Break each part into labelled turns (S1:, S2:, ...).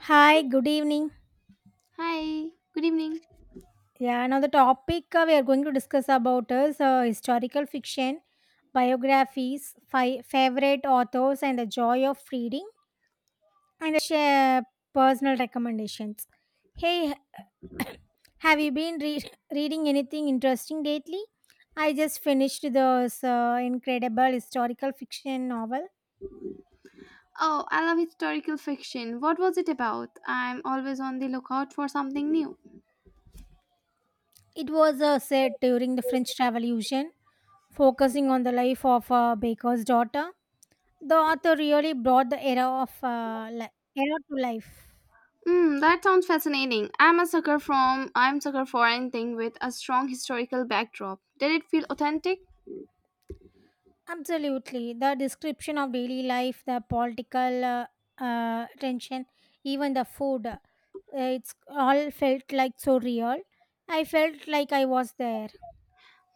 S1: Hi, good evening.
S2: Hi, good evening.
S1: Yeah, now the topic we are going to discuss about is historical fiction, biographies, favorite authors, and the joy of reading, and share personal recommendations. Hey, have you been reading anything interesting lately? I just finished this incredible historical fiction novel.
S2: Oh, I love historical fiction. What was it about? I'm always on the lookout for something new.
S1: It was set during the French Revolution, focusing on the life of a baker's daughter. The author really brought the era of era to life.
S2: Mm, that sounds fascinating. I'm sucker for anything with a strong historical backdrop. Did it feel authentic?
S1: Absolutely, the description of daily life, the political tension, even the food, it's all felt like so real. I felt like I was there.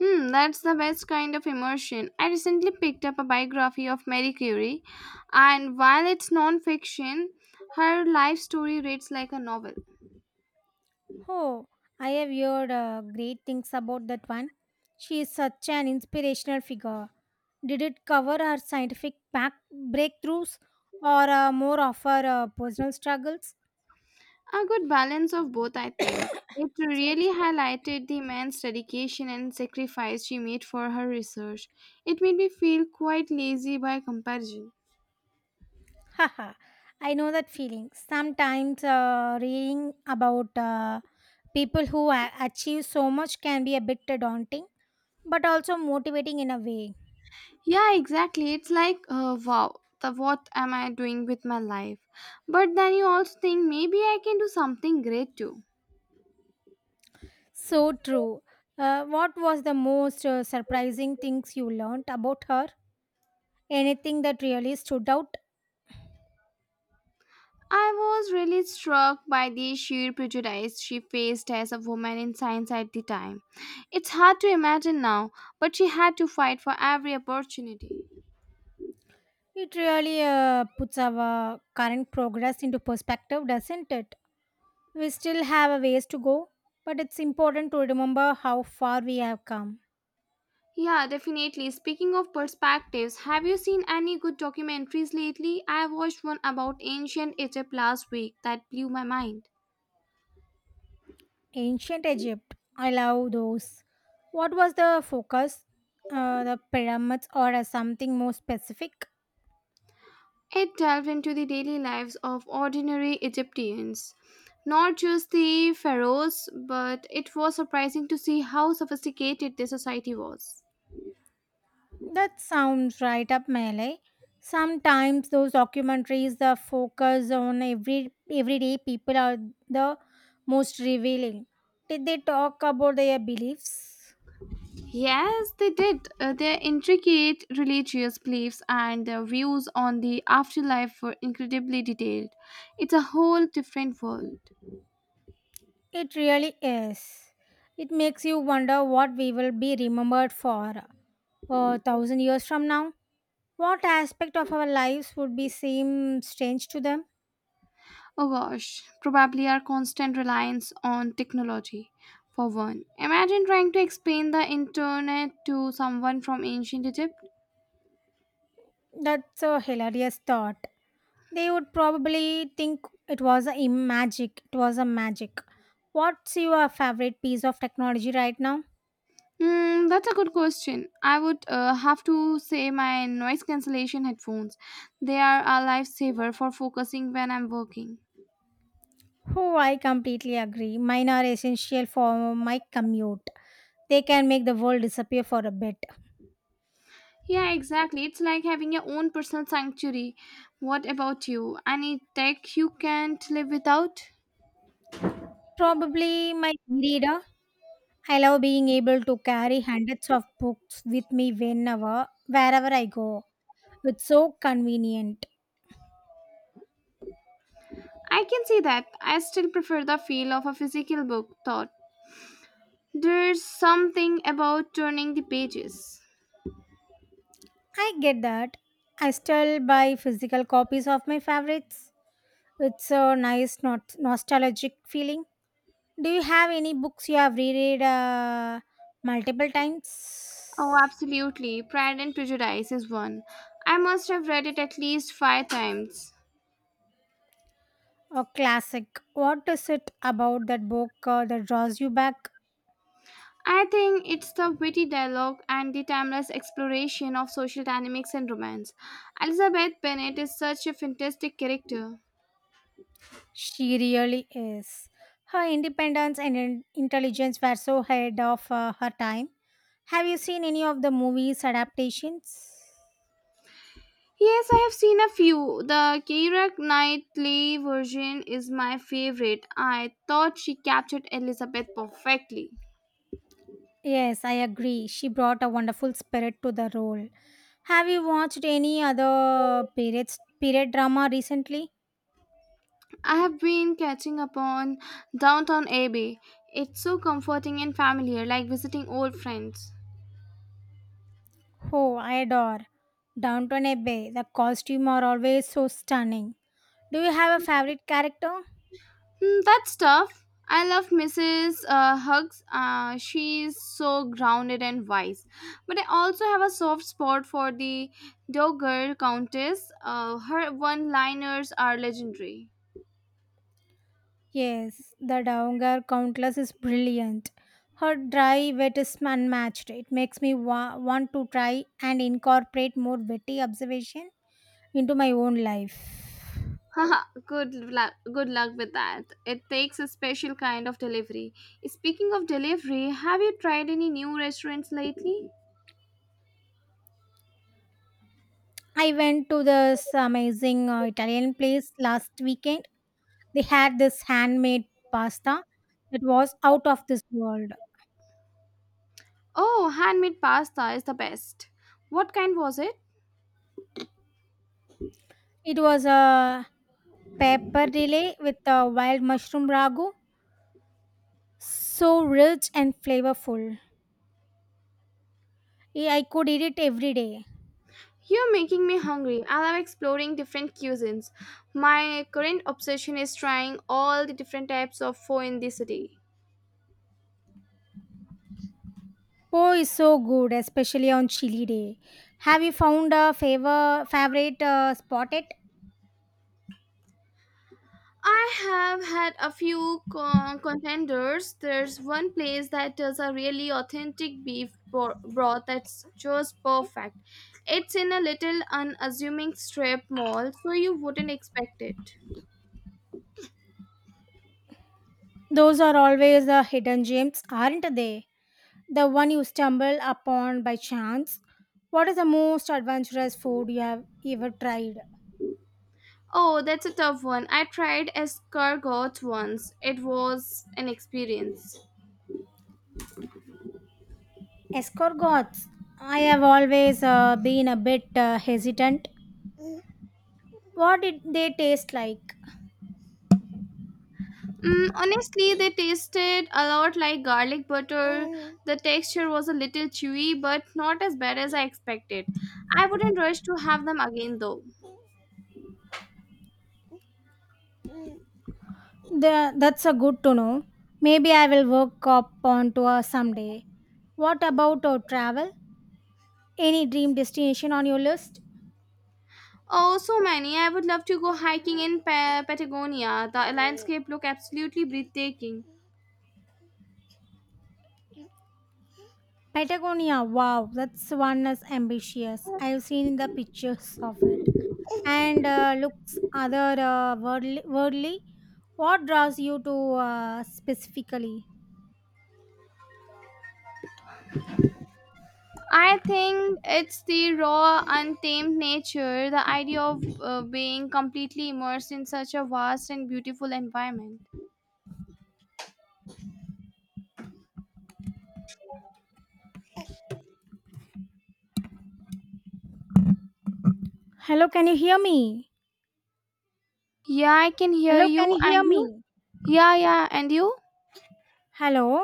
S2: Hmm, that's the best kind of immersion. I recently picked up a biography of Marie Curie, and while it's non-fiction, her life story reads like a novel.
S1: Oh, I have heard great things about that one. She is such an inspirational figure. Did it cover her scientific breakthroughs or more of her personal struggles?
S2: A good balance of both, I think. It
S1: Sorry.
S2: really highlighted the immense dedication and sacrifice she made for her research. It made me feel quite lazy by comparison.
S1: Haha, I know that feeling. Sometimes reading about people who achieve so much can be a bit daunting, but also motivating in a way.
S2: Yeah, exactly. It's like, wow, what am I doing with my life? But then you also think maybe I can do something great too.
S1: So true. What was the most surprising things you learned about her? Anything that really stood out?
S2: I was really struck by the sheer prejudice she faced as a woman in science at the time. It's hard to imagine now, but she had to fight for every opportunity.
S1: It really puts our current progress into perspective, doesn't it? We still have a ways to go, but it's important to remember how far we have come.
S2: Yeah, definitely. Speaking of perspectives, have you seen any good documentaries lately? I watched one about ancient Egypt last week that blew my mind.
S1: Ancient Egypt. I love those. What was the focus? The pyramids or something more specific?
S2: It delved into the daily lives of ordinary Egyptians, not just the pharaohs, but it was surprising to see how sophisticated their society was.
S1: That sounds right up my alley. Sometimes those documentaries the focus on everyday people are the most revealing. Did they talk about their beliefs?
S2: Yes, they did. Their intricate religious beliefs and their views on the afterlife were incredibly detailed. It's a whole different world.
S1: It really is. It makes you wonder what we will be remembered for a thousand years from now. What aspect of our lives would be seem strange to them?
S2: Oh gosh, probably our constant reliance on technology. For one, imagine trying to explain the internet to someone from ancient Egypt.
S1: That's a hilarious thought. They would probably think it was magic. It was a magic. What's your favorite piece of technology right now?
S2: Hmm, that's a good question. I would have to say my noise cancellation headphones. They are a lifesaver for focusing when I'm working.
S1: Oh, I completely agree. Mine are essential for my commute. They can make the world disappear for a bit.
S2: Yeah, exactly. It's like having your own personal sanctuary. What about you? Any tech you can't live without?
S1: Probably my reader. I love being able to carry hundreds of books with me whenever, wherever I go. It's so convenient.
S2: I can see that. I still prefer the feel of a physical book, though. There's something about turning the pages.
S1: I get that. I still buy physical copies of my favorites. It's a nice nostalgic feeling. Do you have any books you have reread multiple times?
S2: Oh, absolutely. Pride and Prejudice is one. I must have read it at least five times.
S1: A classic. What is it about that book that draws you back?
S2: I think it's the witty dialogue and the timeless exploration of social dynamics and romance. Elizabeth Bennet is such a fantastic character.
S1: She really is. Her independence and intelligence were so ahead of her time. Have you seen any of the movies adaptations?
S2: Yes, I have seen a few. The Keira Knightley version is my favorite. I thought she captured Elizabeth perfectly.
S1: Yes, I agree. She brought a wonderful spirit to the role. Have you watched any other period drama recently?
S2: I have been catching up on Downtown Abbey. It's so comforting and familiar, like visiting old friends.
S1: Oh, I adore. Downton Abbey. The costumes are always so stunning. Do you have a favorite character?
S2: Hmm, that's tough. I love Mrs. Hugs. She's so grounded and wise. But I also have a soft spot for the Dogar Countess. Her one-liners are legendary.
S1: Yes, the Dowager Countess is brilliant. Her dry wit is unmatched. It makes me want to try and incorporate more witty observation into my own life.
S2: Haha, good luck with that. It takes a special kind of delivery. Speaking of delivery, have you tried any new restaurants lately?
S1: I went to this amazing Italian place last weekend. They had this handmade pasta that was out of this world.
S2: Oh, handmade pasta is the best. What kind was it?
S1: It was a pepper relay with a wild mushroom ragu, so rich and flavorful. Eh, I could eat it every day.
S2: You're making me hungry. I love exploring different cuisines. My current obsession is trying all the different types of pho in the city.
S1: Po is so good, especially on chilly day. Have you found a favorite spot? It
S2: I have had a few con- contenders. There's one place that does a really authentic broth that's just perfect. It's in a little unassuming strip mall, so you wouldn't expect it.
S1: those are always the hidden gems, aren't they? The one you stumble upon by chance. What is the most adventurous food you have ever tried?
S2: Oh, that's a tough one. I tried escargot once. It was an experience.
S1: Escargots. I have always been a bit hesitant. What did they taste like?
S2: Mm, honestly, they tasted a lot like garlic butter. The texture was a little chewy, but not as bad as I expected. I wouldn't rush to have them again though.
S1: That's a good to know. Maybe I will work up onto a someday. What about our travel? Any dream destination on your list?
S2: Oh, so many. I would love to go hiking in Patagonia. The landscape looked absolutely breathtaking.
S1: Patagonia. Wow, that's one is ambitious. I have seen the pictures of it. And looks other worldly, worldly, what draws you to specifically,
S2: I think it's the raw, untamed nature, the idea of being completely immersed in such a vast and beautiful environment.
S1: hello, can you hear me?
S2: Yeah, I can hear
S1: Hello, can
S2: you.
S1: you hear
S2: And you?
S1: me?
S2: Yeah, yeah. And you?
S1: Hello.